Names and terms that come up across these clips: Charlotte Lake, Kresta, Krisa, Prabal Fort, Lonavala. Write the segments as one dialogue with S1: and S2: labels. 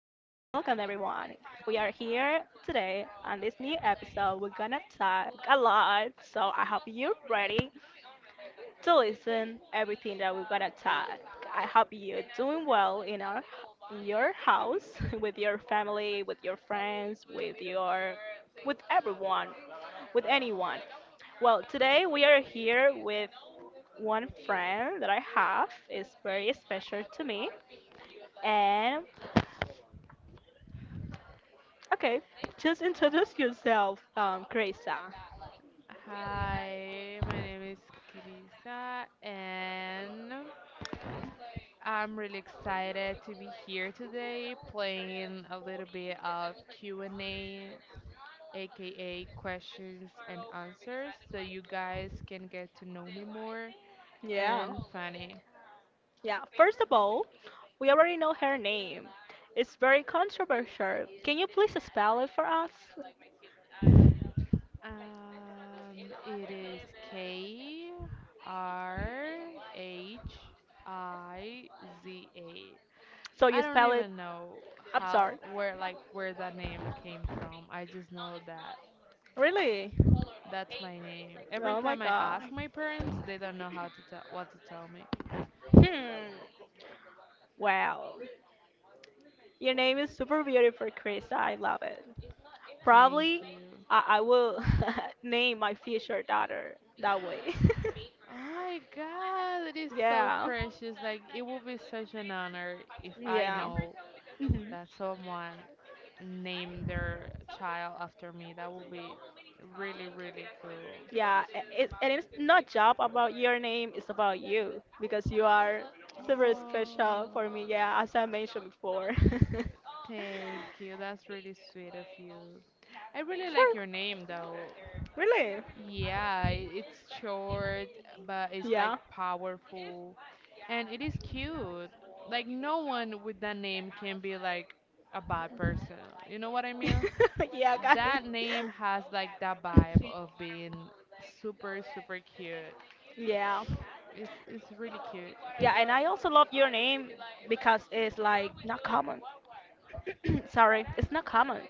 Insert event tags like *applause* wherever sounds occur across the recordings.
S1: everyone. We are here today on this new episode. We're gonna talk a lot, so I hope you're ready to listen everything that we're gonna talk. I hope you're doing well in our in your house *laughs* with your family, with your friends, with your with everyone, with anyone. Well, today we are here with one friend that I have is very special to me and okay, just introduce yourself, Kresa.
S2: Hi, my name is Krisa, and I'm really excited to be here today playing a little bit of Q&A, aka questions and answers, so you guys can get to know me more
S1: Yeah.
S2: and funny.
S1: Yeah, first of all, we already know her name. It's very controversial. Can you please spell it for us?
S2: It is Krhiza.
S1: So you
S2: I don't
S1: spell it,
S2: even know
S1: I'm
S2: how
S1: sorry.
S2: where like where that name came from. I just know that
S1: Really?
S2: that's my name. Every
S1: Oh my
S2: time I
S1: God.
S2: ask my parents, they don't know how to tell what to tell me.
S1: Hmm. Wow. Your name is super beautiful, Chris. I love it.
S2: Thank
S1: Probably
S2: you. *gasps*
S1: I will *laughs* name my future daughter that way.
S2: *sighs* Oh my God, it is
S1: *laughs*
S2: so
S1: Yeah.
S2: precious. Like, it would be such an honor if I
S1: Yeah.
S2: know
S1: Mhm.
S2: that someone name their child after me. That would be really, really cool.
S1: Yeah, it's, and it's not job about your name, it's about you because you are super special for
S2: Oh,
S1: me. Yeah, as I mentioned before. *laughs*
S2: thank you. That's really sweet of you. I really like
S1: Sure.
S2: your name, though.
S1: Really?
S2: Yeah, it's short, but it's like
S1: Yeah.
S2: powerful. And it is cute. Like, no one with that name can be like a bad person. You know what I mean?
S1: *laughs* Yeah, got it.
S2: That name has like that vibe of being super, super cute.
S1: Yeah.
S2: It's really cute.
S1: Yeah, and I also love your name because it's like not common. *clears throat* Sorry, it's not common.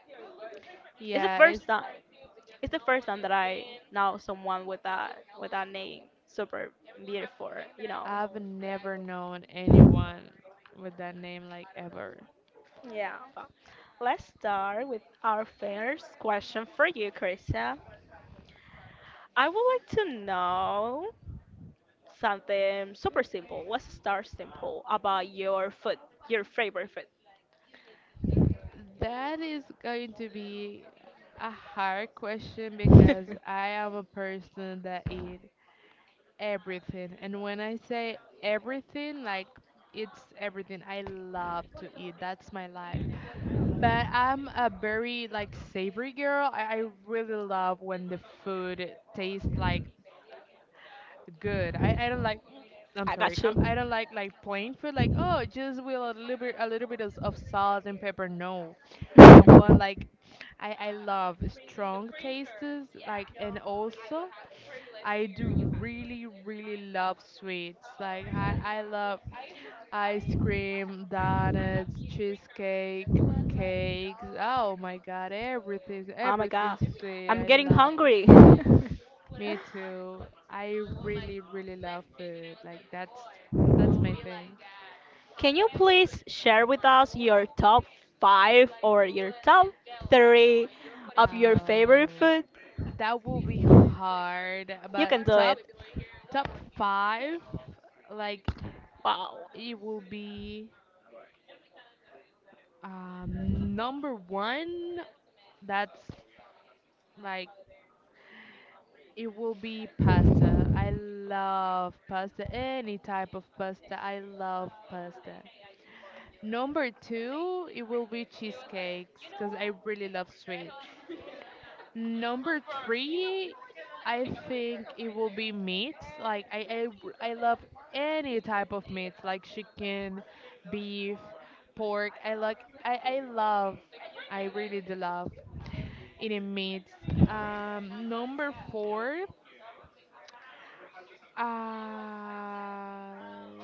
S1: It's the
S2: Yeah,
S1: first
S2: it's
S1: time. It's the first time that I know someone with that name. Super beautiful, you know.
S2: I've never known anyone with that name, like, ever.
S1: Yeah. But let's start with our first question for you, Krista. I would like to know something super simple. What's star simple about your food, your favorite food?
S2: That is going to be a hard question because I am a person that eat everything. And when I say everything, like, it's everything. I love to eat. That's my life. But I'm a very like savory girl. I really love when the food tastes like good. I don't like.
S1: *laughs*
S2: I'm
S1: I got
S2: sorry. I
S1: you.
S2: don't like plain food. Like, oh, just with a little bit of salt and pepper. No, I want
S1: *laughs*
S2: like I love strong tastes. Like, and also, I do really, really love sweets. Like I love ice cream, donuts, cheesecake, cakes. Oh my God, everything's
S1: Oh my God,
S2: everything's sweet.
S1: I'm
S2: I
S1: getting
S2: love it.
S1: hungry. *laughs*
S2: Me too. I really, really love food. Like, that's my thing.
S1: Can you please share with us your top five or your top three of your favorite
S2: Uh,
S1: food?
S2: that will be hard,
S1: You
S2: but
S1: can do it.
S2: top five, like,
S1: Wow.
S2: it will be number one. That's like it will be pasta. I love pasta. Any type of pasta. I love pasta. Number two, it will be cheesecakes because I really love sweets. Number three, I think it will be meats. Like I love any type of meats, like chicken, beef, pork. I like I, I love, I really do love eating meats. Number four,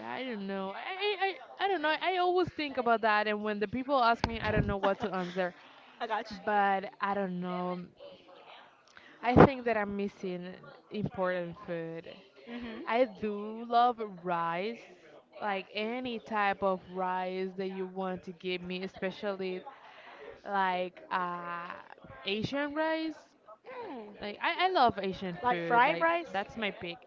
S2: I don't know. I don't know. I always think about that, and when the people ask me, I
S1: *laughs*
S2: don't know what to answer.
S1: I got
S2: But I don't know. I think that I'm missing important food.
S1: you.
S2: I do love rice, like any type of rice that you want to give me, especially like Asian rice.
S1: Hmm.
S2: Like I love Asian
S1: Like
S2: food,
S1: fried
S2: like
S1: rice?
S2: that's my pick.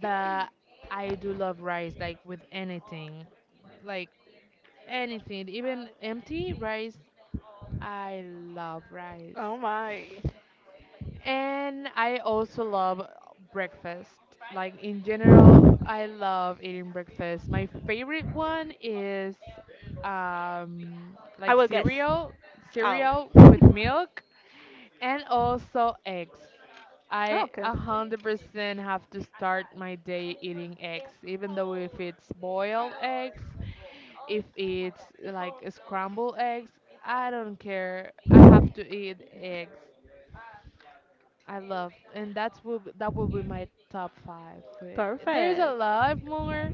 S2: But I do love rice, like with anything, like anything, even empty rice. I love rice.
S1: Oh my.
S2: And I also love breakfast. Like, in general, I love eating breakfast. My favorite one is
S1: I
S2: like
S1: will guess.
S2: cereal,
S1: Oh,
S2: cereal with milk and also eggs. I
S1: okay,
S2: 100% have to start my day eating eggs, even though if it's boiled eggs, if it's like scrambled eggs, I don't care. I have to eat eggs. I love, and that will be my top five food. There's a
S1: perfect.
S2: lot more,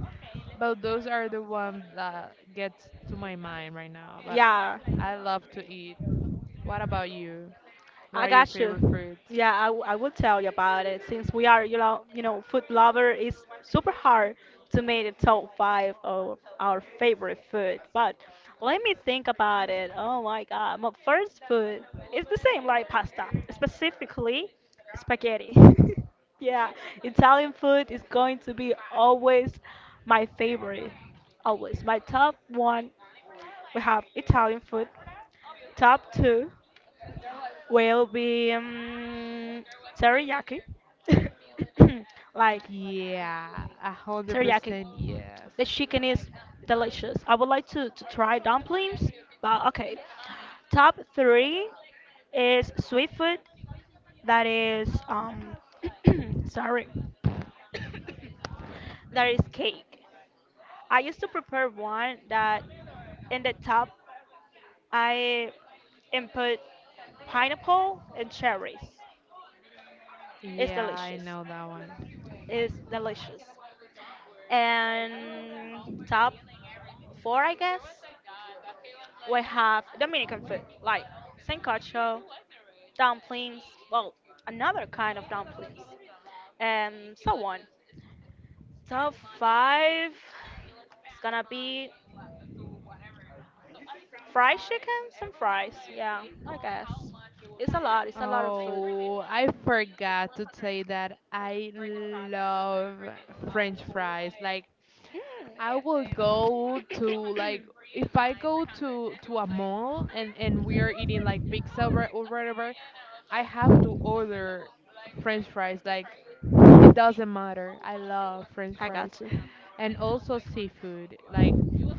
S2: but those are the ones that gets to my mind right now. But
S1: Yeah,
S2: I love to eat. What about you? What
S1: I
S2: are your
S1: got
S2: favorite
S1: you.
S2: foods?
S1: Yeah, I will tell you about it. Since we are, food lover, it's super hard to make the top five of our favorite food. But let me think about it. Oh my God, my first food is the same like pasta, specifically spaghetti. *laughs* Yeah, Italian food is going to be always my favorite, always my top one. We have Italian food. Top two will be teriyaki. *coughs* Like
S2: Yeah, a hundred
S1: teriyaki.
S2: percent yes.
S1: The chicken is delicious. I would like to try dumplings, but okay. Top three is sweet food. That is *coughs* sorry. That is cake. I used to prepare one that in the top I input pineapple and cherries. It's
S2: Yeah, I
S1: delicious.
S2: know that one.
S1: It's delicious. And top four, I guess, we have Dominican food like sancocho, dumplings, well, another kind of dumplings, and so on. Top five, is gonna be fried chicken? Some fries. Yeah, I guess. It's a lot. It's a lot of food.
S2: Oh, I forgot to say that I love French fries. Like,
S1: Mm.
S2: I
S1: *clears throat*
S2: will go to like if I go to a mall and we are eating like pizza or whatever, I have to order French fries. Like, it doesn't matter. I love French
S1: I
S2: fries
S1: got you.
S2: and also seafood, like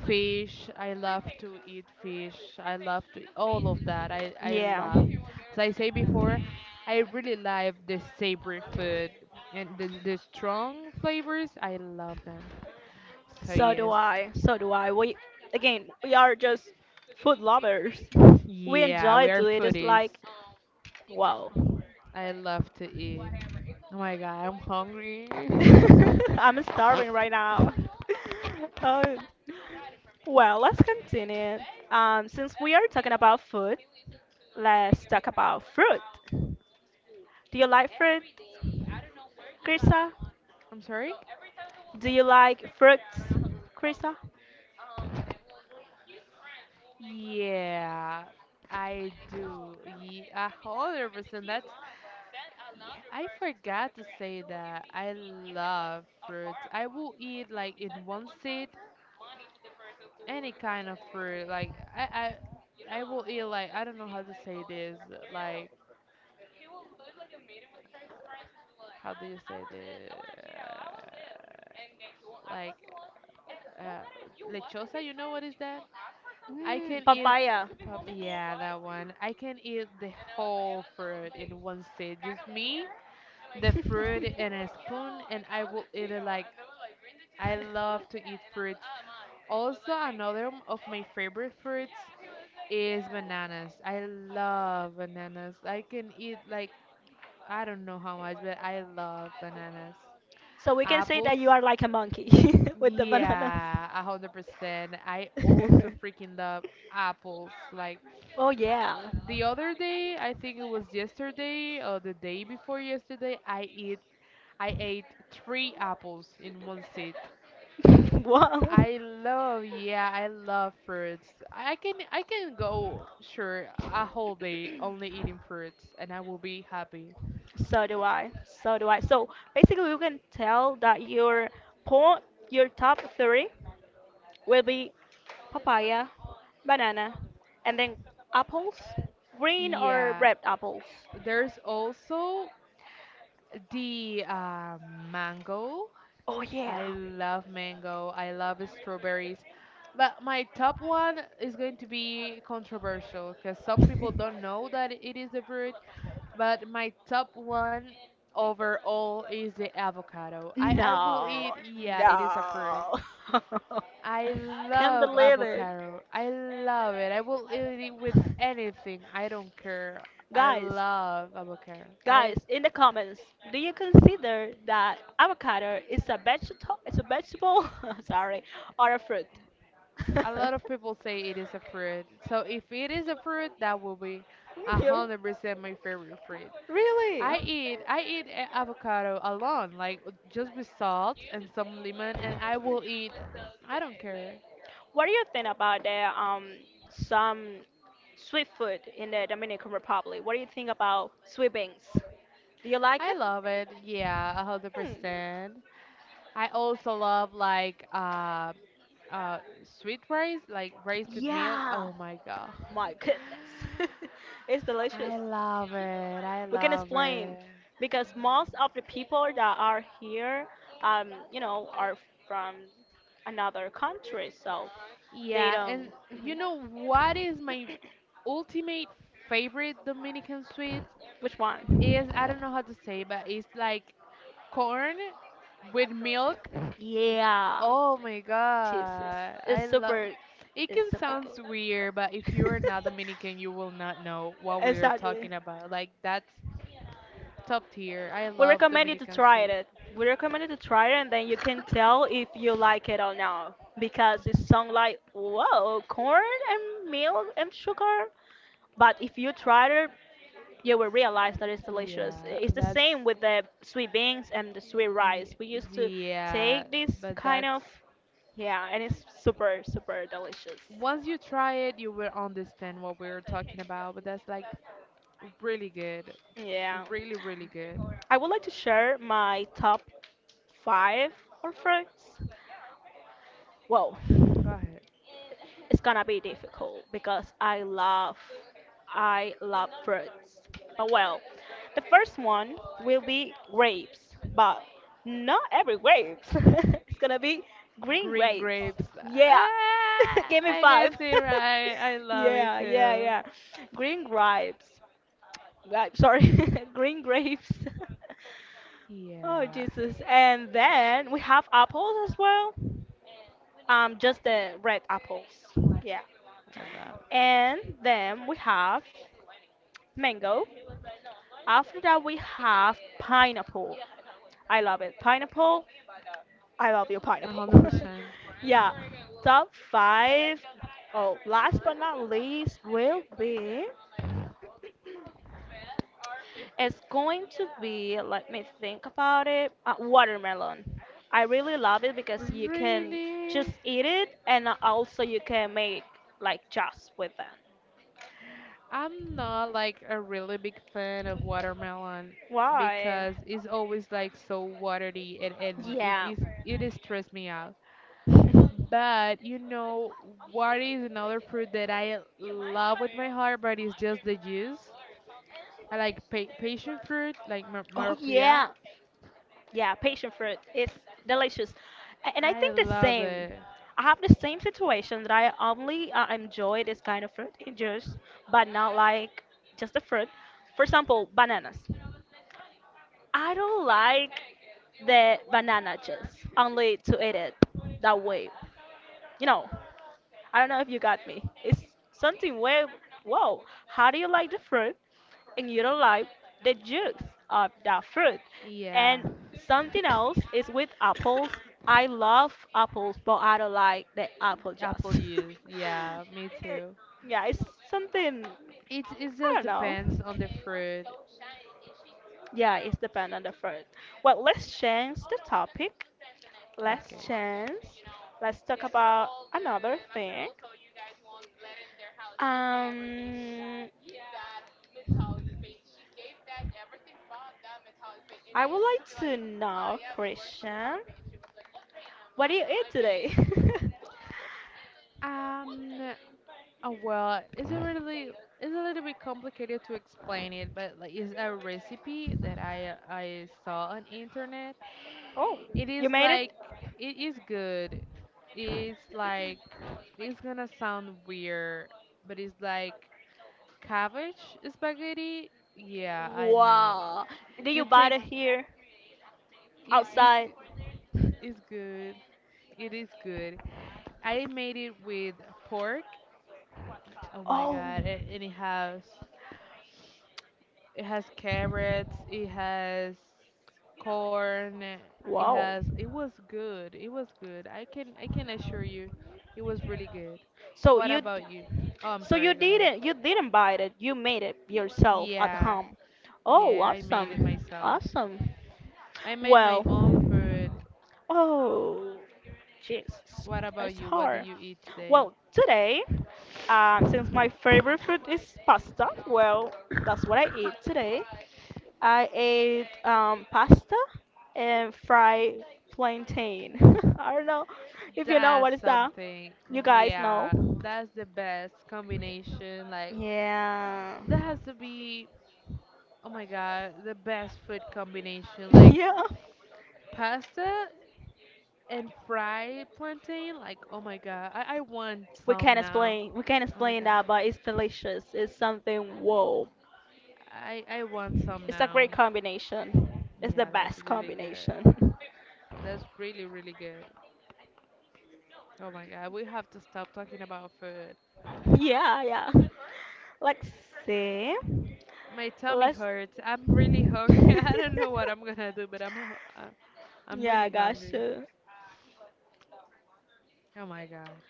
S2: fish. I love to eat fish. I love to eat all of that. I
S1: Yeah.
S2: love. As I say before, I really love the savory food and the strong
S1: *laughs*
S2: flavors. I love them. So
S1: So do
S2: yes,
S1: I. So do I. We again, we are just food lovers.
S2: *laughs*
S1: We
S2: yeah,
S1: enjoy
S2: we are
S1: to eat. It's
S2: foodies.
S1: like, wow.
S2: I love to eat. Oh my god, I'm hungry. *laughs*
S1: *laughs* I'm starving right now. *laughs* Oh, well, let's continue. Since we are talking about food, let's talk about fruit. Do you like fruit, Krista?
S2: I'm sorry?
S1: Do you like fruits, Krista?
S2: Yeah, I do. Yeah, 100%. That's. Yeah, I forgot to say that I love fruit. I will eat like in one sit any kind of fruit. Like I will eat like I don't know how to say this. Like, how do you say this? Like uh, lechosa. You know what is that? I can
S1: Mm,
S2: eat.
S1: papaya.
S2: Yeah, that one. I can eat the whole fruit in one sit. Just me the fruit in a spoon and I will eat it like I love to eat fruits. Also, another of my favorite fruits is bananas. I love bananas. I can eat like I don't know how much, but I love bananas.
S1: So we can say
S2: Apples?
S1: that you are like a monkey *laughs* with the bananas.
S2: Yeah, 100%. I also
S1: *laughs*
S2: freaking love apples. Like,
S1: Oh yeah. *laughs*
S2: the other day, I think it was yesterday or the day before yesterday, I ate three apples in one sit.
S1: Wow.
S2: I love, yeah, I love fruits. I can go sure a whole day only eating fruits and I will be happy.
S1: So do I. So do I. So basically, you can tell that your point, your top three will be papaya, banana, and then apples, green or
S2: Yeah,
S1: red apples.
S2: there's also the mango.
S1: Oh yeah.
S2: I love mango. I love strawberries. But my top one is going to be controversial because some people don't know that it is a fruit. But my top one overall is the avocado. I will
S1: No,
S2: eat, yeah, it is a fruit.
S1: no. *laughs*
S2: I
S1: Can't
S2: love
S1: believe it.
S2: avocado. I love it. I will eat it with anything. I don't care. I
S1: Guys,
S2: love avocado.
S1: guys,
S2: I
S1: in the comments, do you consider that avocado is a vegetable, *laughs* sorry, or a fruit? *laughs*
S2: A lot of people say it is a fruit. So if it is a fruit, that will be a
S1: You-
S2: hundred percent my favorite fruit.
S1: Really?
S2: Avocado alone, like just with salt and some lemon, and I will eat. I don't care.
S1: What do you think about the some sweet food in the Dominican Republic? What do you think about sweet beans? Do you like
S2: I
S1: it?
S2: love it. Yeah, a hundred
S1: Hmm.
S2: percent. I also love like uh sweet rice, like rice with milk.
S1: Yeah,
S2: Oh my god.
S1: my goodness. *laughs* It's
S2: *sighs*
S1: delicious.
S2: I love it. I
S1: We can
S2: love
S1: explain
S2: it.
S1: because most of the people that are here, you know, are from another country, so they
S2: Yeah, and
S1: don't.
S2: you
S1: Mhm.
S2: know what is my ultimate favorite Dominican sweet?
S1: Which one?
S2: Is I don't know how to say, but it's like corn with milk Y-
S1: Yeah,
S2: Oh my
S1: Jesus,
S2: god. I
S1: it's
S2: love
S1: super,
S2: It
S1: it's
S2: can
S1: super
S2: sounds weird, but if
S1: good.
S2: you're not Dominican, you will not know
S1: *laughs*
S2: what we are
S1: Exactly.
S2: talking about. Like, that's top tier. I
S1: We
S2: love
S1: recommend you to
S2: Dominican
S1: try
S2: sweet.
S1: it. We recommend you to try it, and then you can tell if you like it or not. Because it sounds like whoa, corn and milk and sugar. But if you try it, you will realize that it's delicious.
S2: Yeah,
S1: It's the
S2: that's
S1: same with the sweet beans and the sweet rice.
S2: ye-
S1: We used to
S2: yeah,
S1: take this
S2: but
S1: kind
S2: that's
S1: of yeah, and it's super super delicious.
S2: once you try it, you will understand what we are talking about, but that's like really good.
S1: Yeah.
S2: Really, really good.
S1: I would like to share my top five or fruits. Whoa.
S2: Go ahead.
S1: It's gonna be difficult because I love fruits. But well, the first one will be grapes, but not every grapes. *laughs* It's gonna be green
S2: Green
S1: grapes.
S2: grapes.
S1: Yeah. *laughs*
S2: Ah,
S1: Give me
S2: I guess
S1: five.
S2: it right. I
S1: *laughs*
S2: love it
S1: Yeah, yeah,
S2: too.
S1: yeah. Green grapes. Grapes, sorry. *laughs* Green grapes. *laughs* Oh
S2: Yeah,
S1: Jesus. And then we have apples as well. Um, just the red apples. Yeah.
S2: I love
S1: And then we have mango. After that, we have pineapple. I love it. Pineapple. I love you,
S2: it. A
S1: pineapple.
S2: hundred percent.
S1: *laughs* Yeah. Top five. Oh, last but not least will be. It's going to be. Let me think about it. Watermelon. I really love it because you can
S2: Really?
S1: just eat it, and also you can make like juice with it.
S2: I'm not like a really big fan of watermelon
S1: Why?
S2: because it's always like so watery, and
S1: Yeah.
S2: it is stress me out.
S1: *laughs*
S2: But you know what is another fruit that I love with my heart but it's just the juice. I like pa passion fruit like
S1: Oh
S2: maracuya.
S1: yeah. Yeah, passion fruit is delicious. A- And I
S2: I
S1: think the
S2: love
S1: same.
S2: it.
S1: I have the same situation that I only enjoy this kind of fruit in juice, but not like just the fruit. For example, bananas. I don't like the banana juice, only to eat it that way. You know, I don't know if you got me. It's something way, whoa, how do you like the fruit and you don't like the juice of that fruit?
S2: Yeah.
S1: And something
S2: *coughs*
S1: else is with apples. I love apples, but I don't like the apple
S2: *laughs* Apple
S1: juice.
S2: juice.
S1: *laughs*
S2: Yeah, me
S1: It-
S2: too.
S1: yeah, it's something,
S2: It just
S1: I don't know.
S2: depends on the fruit.
S1: Yeah, it's depend on the fruit. Well, let's change the topic last
S2: Okay.
S1: chance. Let's talk about another thing. Um, I would like to know, Christian, what do you eat today?
S2: Um. Oh well, it's a little bit complicated to explain it, but like it's a recipe that I saw on internet.
S1: *laughs* Oh,
S2: It
S1: you
S2: is
S1: made it?
S2: like it is good. It's like it's gonna sound weird, but it's like cabbage spaghetti. Yeah, I know.
S1: Wow. Did you
S2: You
S1: buy
S2: take
S1: it here
S2: it is
S1: outside?
S2: g- is good. It is good. I made it with pork. Oh my
S1: Oh,
S2: god! And it has carrots. It has corn. It
S1: wow.
S2: has it was good. It was good. I can assure you, it was really good.
S1: So
S2: What
S1: you
S2: about you? Oh, I'm
S1: So you
S2: sorry. Go ahead.
S1: didn't buy it. You made it yourself at
S2: Yeah,
S1: home. Oh,
S2: yeah. I made it
S1: awesome.
S2: myself.
S1: Awesome.
S2: I made my
S1: Well,
S2: own food.
S1: oh, Jesus.
S2: What about
S1: It's
S2: you? What did
S1: hard.
S2: you eat today?
S1: Well, today, since my favorite food is pasta, well, that's what I eat today. I ate pasta and fried plantain. *laughs* I don't know if you know
S2: That's
S1: what is that.
S2: something.
S1: You guys know.
S2: Yeah, that's the best combination. Like,
S1: Yeah.
S2: there has to be oh my god, the best food combination
S1: *laughs*
S2: like
S1: Yeah.
S2: pasta and fried plantain. Like, oh my god, I want
S1: We
S2: some
S1: can't
S2: now.
S1: explain. We can't
S2: Oh my
S1: explain
S2: god,
S1: that, but it's delicious. It's something. Whoa!
S2: I want some
S1: It's a
S2: now.
S1: great combination. It's the
S2: Yeah, that's
S1: best
S2: really good.
S1: combination.
S2: That's really, really good. Oh my god, we have to stop talking about food.
S1: *laughs* Yeah, yeah. Let's see.
S2: My tummy
S1: Let's.
S2: hurts. I'm really hungry. *laughs* I don't know what I'm gonna do, but
S1: *laughs*
S2: I'm
S1: Yeah,
S2: really hungry.
S1: gotcha.
S2: Oh my god.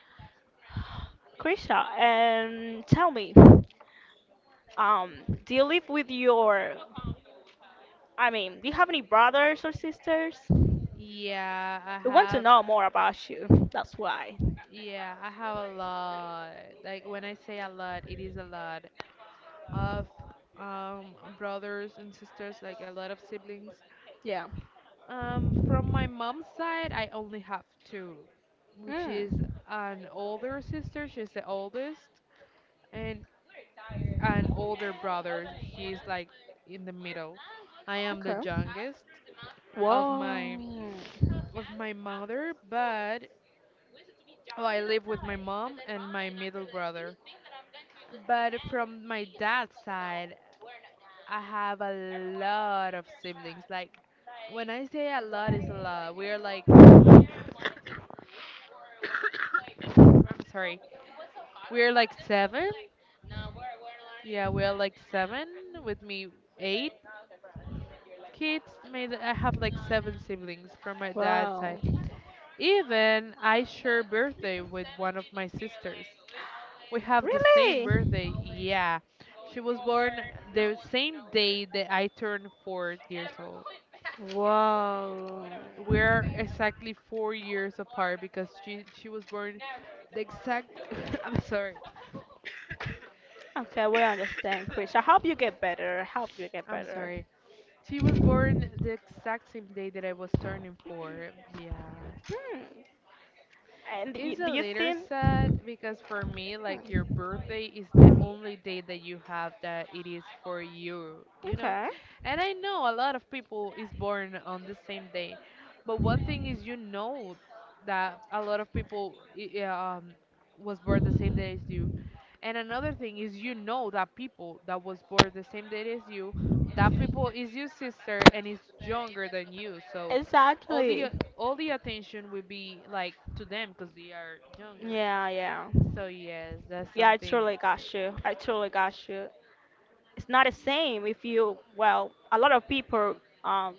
S1: Krisha, tell me, um, do you live with your? I mean, do you have any brothers or sisters? We
S2: Yeah, I
S1: want to
S2: have.
S1: know more about you. That's why.
S2: Yeah, I have a lot. Like, when I say a lot, it is a lot of brothers and sisters, like a lot of siblings.
S1: Yeah.
S2: From my mom's side, I only have 2, which is
S1: Mm.
S2: an older sister, she's the oldest, and an older brother, he's like in the middle. I am the
S1: Okay.
S2: youngest of my
S1: Whoa.
S2: mother, but oh, I live with my mom and my middle brother. But from my dad's side, I have a lot of siblings. Like, when I say a lot, is a lot. We are like, *coughs* I'm sorry, we are like 7. Yeah, we are like seven with me, 8 kids. Made I have like 7 siblings from my dad's
S1: Wow.
S2: side. Even I share birthday with one of my sisters. We have the same
S1: Really?
S2: birthday. Yeah, she was born the same day that I turned 4 years old.
S1: Whoa.
S2: We're exactly 4 years apart because she was born the exact *laughs* I'm sorry.
S1: Okay, we understand, Chris. I hope you get better. I hope you get
S2: I'm
S1: better.
S2: sorry. She was born the exact same day that I was turning four. Yeah.
S1: Hmm. And y-
S2: It's
S1: do
S2: a
S1: you
S2: little
S1: think?
S2: sad because for me, like your
S1: Hmm.
S2: birthday is the only day that you have that it is for you, you know?
S1: Okay.
S2: And I know a lot of people is born on the same day, but one thing is you know that a lot of people was born the same day as you. And another thing is you know that people that was born the same day as you, that people is your sister and is younger than you. So all the
S1: Exactly.
S2: all the attention will be like to them because they are younger.
S1: Yeah, yeah.
S2: So yes, that's
S1: Yeah, I
S2: something.
S1: truly got you. I truly got you. It's not the same if you, well, a lot of people, um,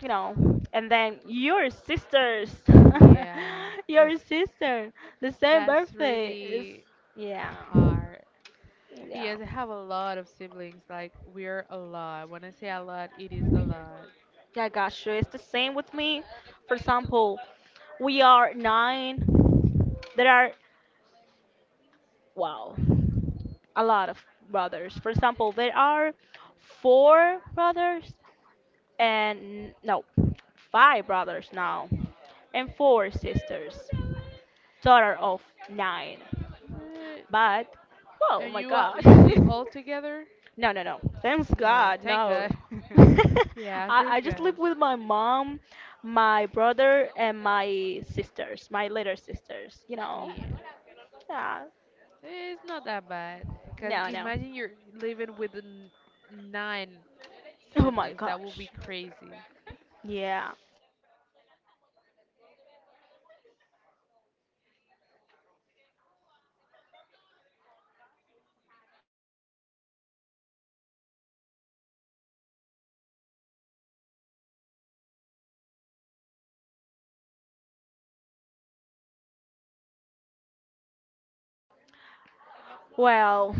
S1: you know, and then your sisters,
S2: Yeah,
S1: *laughs* your
S2: it's
S1: sister, the same
S2: that's
S1: birthday is,
S2: really
S1: yeah,
S2: hard.
S1: yeah.
S2: Yes, I have a lot of siblings. Like we're a lot. When I say a lot, it is a lot.
S1: Yeah, I got you. It's the same with me. For example, we are nine. There are wow, a lot of brothers. For example, there are four brothers and no, five brothers now, and four sisters. Total of nine.
S2: Eh,
S1: But, oh
S2: And
S1: my God.
S2: you live
S1: *laughs*
S2: all together?
S1: No, no, no. Thanks
S2: Oh,
S1: God,
S2: thank
S1: no.
S2: God.
S1: *laughs* I,
S2: *laughs* Yeah,
S1: I
S2: thank
S1: just
S2: God.
S1: live with my mom, my brother, and my sisters, my little sisters, you know?
S2: Yeah,
S1: Yeah.
S2: it's not that bad. Cause
S1: No, no.
S2: imagine you're living with nine
S1: Oh my
S2: siblings. That would be
S1: gosh.
S2: crazy.
S1: Yeah. Well,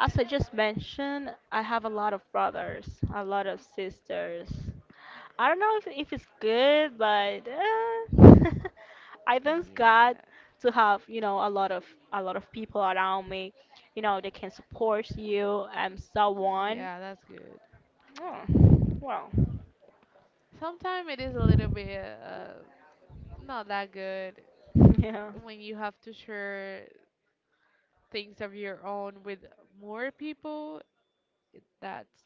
S1: as I just mentioned, I have a lot of brothers, a lot of sisters. I don't know if it's good, but *laughs* I thank God
S2: Yeah.
S1: to have a lot of people around me. You know they can support you and so on.
S2: Yeah, that's good.
S1: Mm. Well,
S2: Sometimes it is a little bit not that good
S1: *laughs* yeah.
S2: when you have to share things of your own with more people. That's,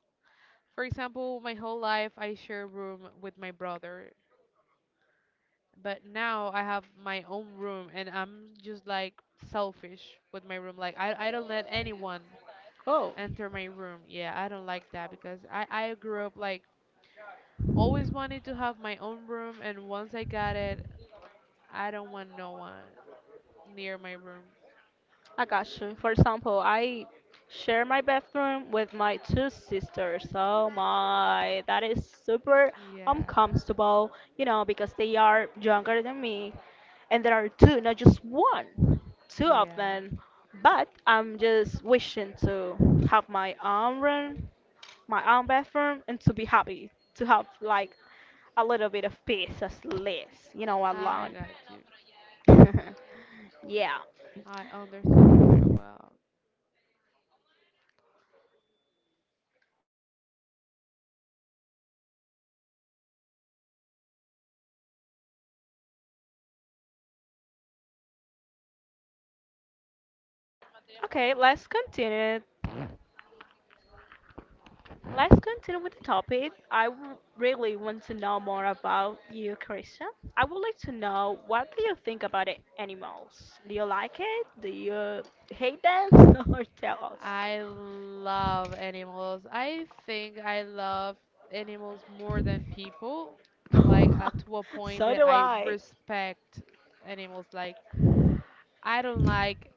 S2: for example, my whole life I share room with my brother, but now I have my own room and I'm just like selfish with my room. Like I don't let anyone
S1: Oh.
S2: enter my room. Yeah, I don't like that because I grew up like always wanted to have my own room, and once I got it, I don't want no one near my room.
S1: I got you. For example, I share my bathroom with my two sisters. Oh my, that is super
S2: Yeah,
S1: uncomfortable, you know, because they are younger than me. And there are two, not just one, two of
S2: yeah,
S1: them. But I'm just wishing to have my own room, my own bathroom, and to be happy, to have like a little bit of peace, at least, you know,
S2: I
S1: alone.
S2: got you.
S1: *laughs* Yeah.
S2: I understand you very well.
S1: Okay, let's continue. Let's continue with the topic. Really want to know more about you, Christian. I would like to know what do you think about the animals? Do you like it? Do you hate them? *laughs* Or tell
S2: I love animals. I think I love animals more than people, like
S1: us?
S2: to a
S1: *laughs*
S2: point
S1: So
S2: that
S1: do
S2: I
S1: I.
S2: respect animals. Like I don't like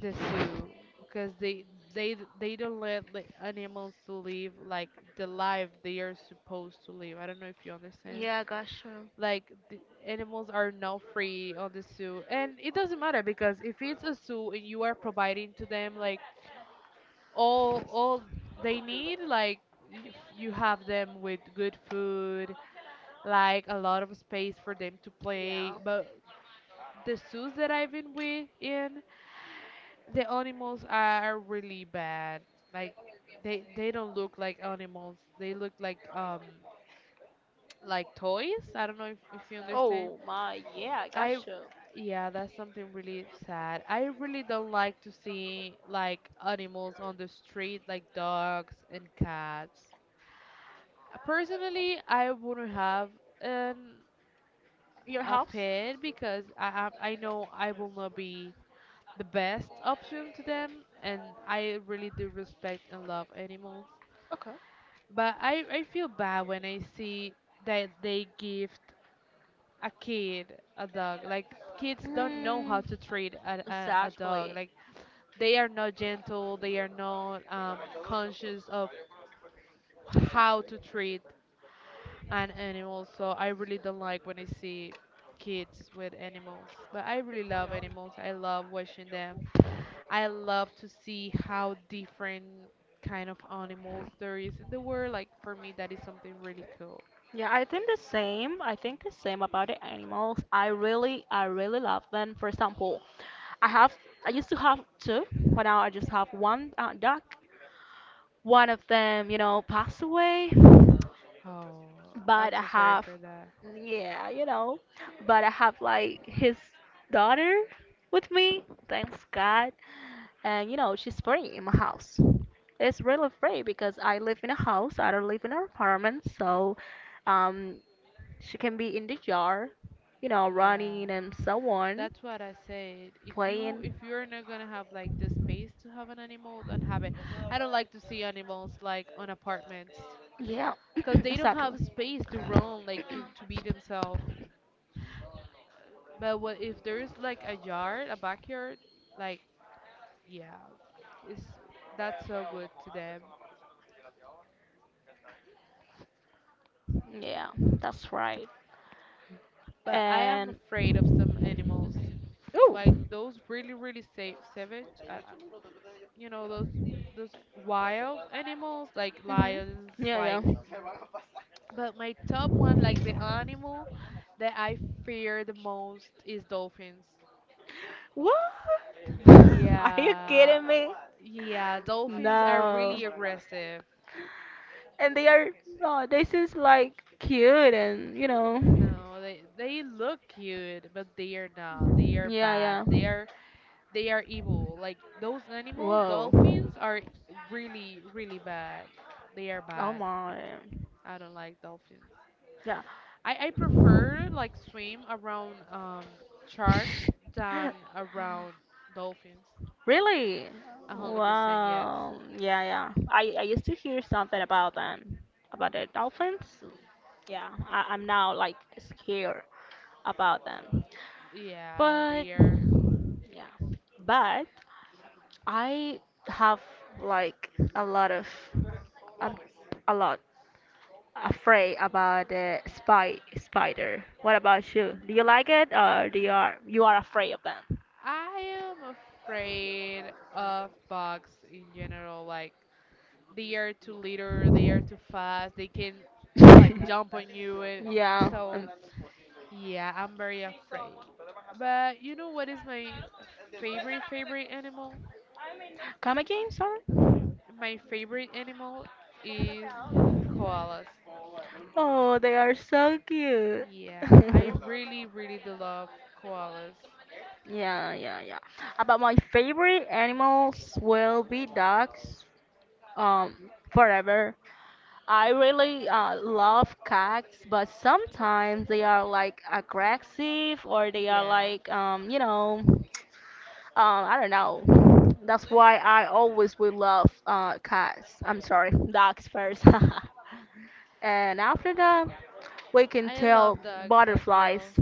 S2: the zoo because they don't let, like, animals to live like the life they are supposed to live. I don't know if you understand.
S1: Yeah, gotcha.
S2: Like the animals are not free on the zoo, and it doesn't matter because if it's a zoo and you are providing to them like all they need, like you have them with good food, like a lot of space for them to play,
S1: Oh.
S2: but the zoos that I've been with in, the animals are really bad. Like they don't look like animals. They look like *tsk* like toys. I don't know if you understand.
S1: Oh my, yeah,
S2: I
S1: gotcha.
S2: Yeah, that's something really sad. I really don't like to see like animals on the street like dogs and cats. Personally, I wouldn't have an
S1: Your
S2: a
S1: house?
S2: pet because I know I will not be the best option to them and I really do respect and love animals.
S1: Okay.
S2: But I feel bad when I see that they gift a kid a dog. Like kids don't know how
S1: Mm,
S2: to treat a dog.
S1: exactly,
S2: Like they are not gentle, they are not conscious of how
S1: exactly.
S2: to treat an animal. So I really don't like when I see kids with animals. But I really love animals. I love watching them. I love to see how different kind of animals there is in the world. Like for me, that is something really cool.
S1: Yeah, I think the same. I think the same about the animals. I really love them. For example, I have, I used to have two, but now I just have one duck. One of them, you know, passed away,
S2: Oh,
S1: but
S2: I'm
S1: I
S2: so sorry
S1: have,
S2: for that.
S1: yeah, you know, but I have like his daughter with me, thanks God. And, you know, she's free in my house. It's really free because I live in a house, I don't live in an apartment, so. Um, She can be in the yard, you know,
S2: Yeah,
S1: running and so on,
S2: that's what I said.
S1: playing.
S2: If you're not gonna have like the space to have an animal, don't have it. I don't like to see animals like on apartments
S1: Yeah,
S2: because
S1: *clears throat*
S2: they don't
S1: exactly.
S2: have space to roam, like to be themselves. But what if there is like a yard, a backyard, like, yeah, it's that's so good to them.
S1: Yeah, that's right.
S2: But I am
S1: And
S2: afraid of some animals,
S1: oh,
S2: like those really, really sa savage. You know those wild animals, like
S1: mhm.
S2: lions,
S1: Yeah,
S2: like.
S1: yeah.
S2: But my top one, like the animal that I fear the most is dolphins.
S1: What? *laughs* Are you
S2: Yeah,
S1: kidding me?
S2: yeah, dolphins are
S1: No.
S2: really aggressive.
S1: And they are oh, they seems like cute and you know.
S2: No, they look cute, but they are not. They are
S1: Yeah,
S2: bad.
S1: yeah.
S2: They are evil. Like those animals,
S1: Whoa.
S2: dolphins are really, really bad. They are
S1: Oh
S2: bad.
S1: my.
S2: I don't like dolphins.
S1: Yeah.
S2: I prefer like swim around sharks than
S1: *laughs*
S2: around dolphins.
S1: Really?
S2: 100% yes.
S1: Wow. Yeah, yeah. I used to hear something about them, about the dolphins. Yeah, I'm now like scared about them.
S2: Yeah,
S1: But
S2: they are.
S1: yeah, but I have like a lot of a a lot afraid about the spy spider. What about you? Do you like it or do you are afraid of them?
S2: I am afraid of bugs in general. Like they are too little, they are too fast, they can like
S1: *laughs*
S2: jump on you, and
S1: Yeah.
S2: so yeah, I'm very afraid. But you know what is my favorite animal?
S1: Come again, sorry.
S2: My favorite animal is koalas.
S1: Oh, they are so cute. *laughs*
S2: Yeah, I really really do love koalas.
S1: Yeah, yeah, yeah. About my favorite animals will be dogs, um, forever. I really love cats, but sometimes they are like aggressive or they are
S2: Yeah.
S1: like, you know, *tsk* I don't know. That's why I always will love cats. I'm sorry, dogs first. *laughs* And after that, we can
S2: I love
S1: tell
S2: dogs as
S1: butterflies.
S2: well.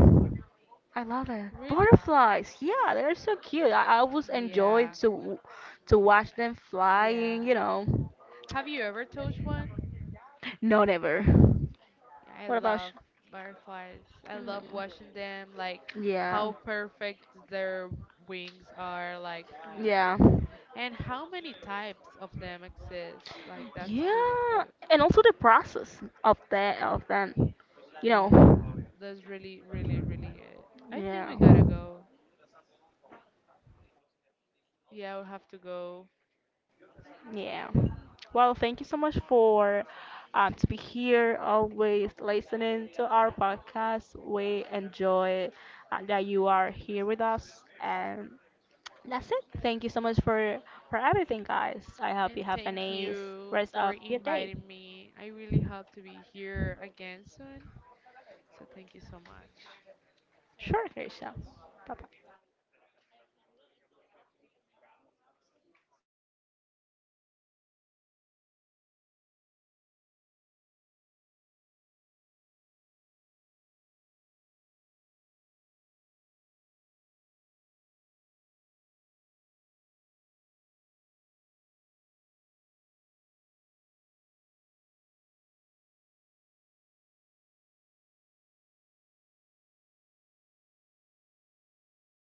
S1: I love it.
S2: Really?
S1: Butterflies, yeah, they're so cute. I always enjoy
S2: Yeah.
S1: to watch them flying,
S2: Yeah.
S1: you know.
S2: Have you ever touched one?
S1: No, never.
S2: I
S1: What about
S2: love butterflies. I
S1: you? No.
S2: love watching them, like
S1: Yeah,
S2: how perfect their wings are, like,
S1: yeah,
S2: and how many types of them exist. Like that's really
S1: yeah,
S2: good.
S1: and also the process of them, you
S2: Yeah,
S1: know.
S2: that's really, really, really good. I think we
S1: Yeah,
S2: gotta go. Yeah, we'll have to go.
S1: yeah. Well, thank you so much for to be here, always listening to our podcast. We enjoy that you are here with us and that's it. Thank you so much for everything, guys. I hope you
S2: And
S1: have a
S2: thank
S1: nice
S2: you
S1: rest
S2: for
S1: of your day.
S2: inviting me. I really hope to be here again soon. So thank you so much.
S1: Sure, Krisha. Bye bye.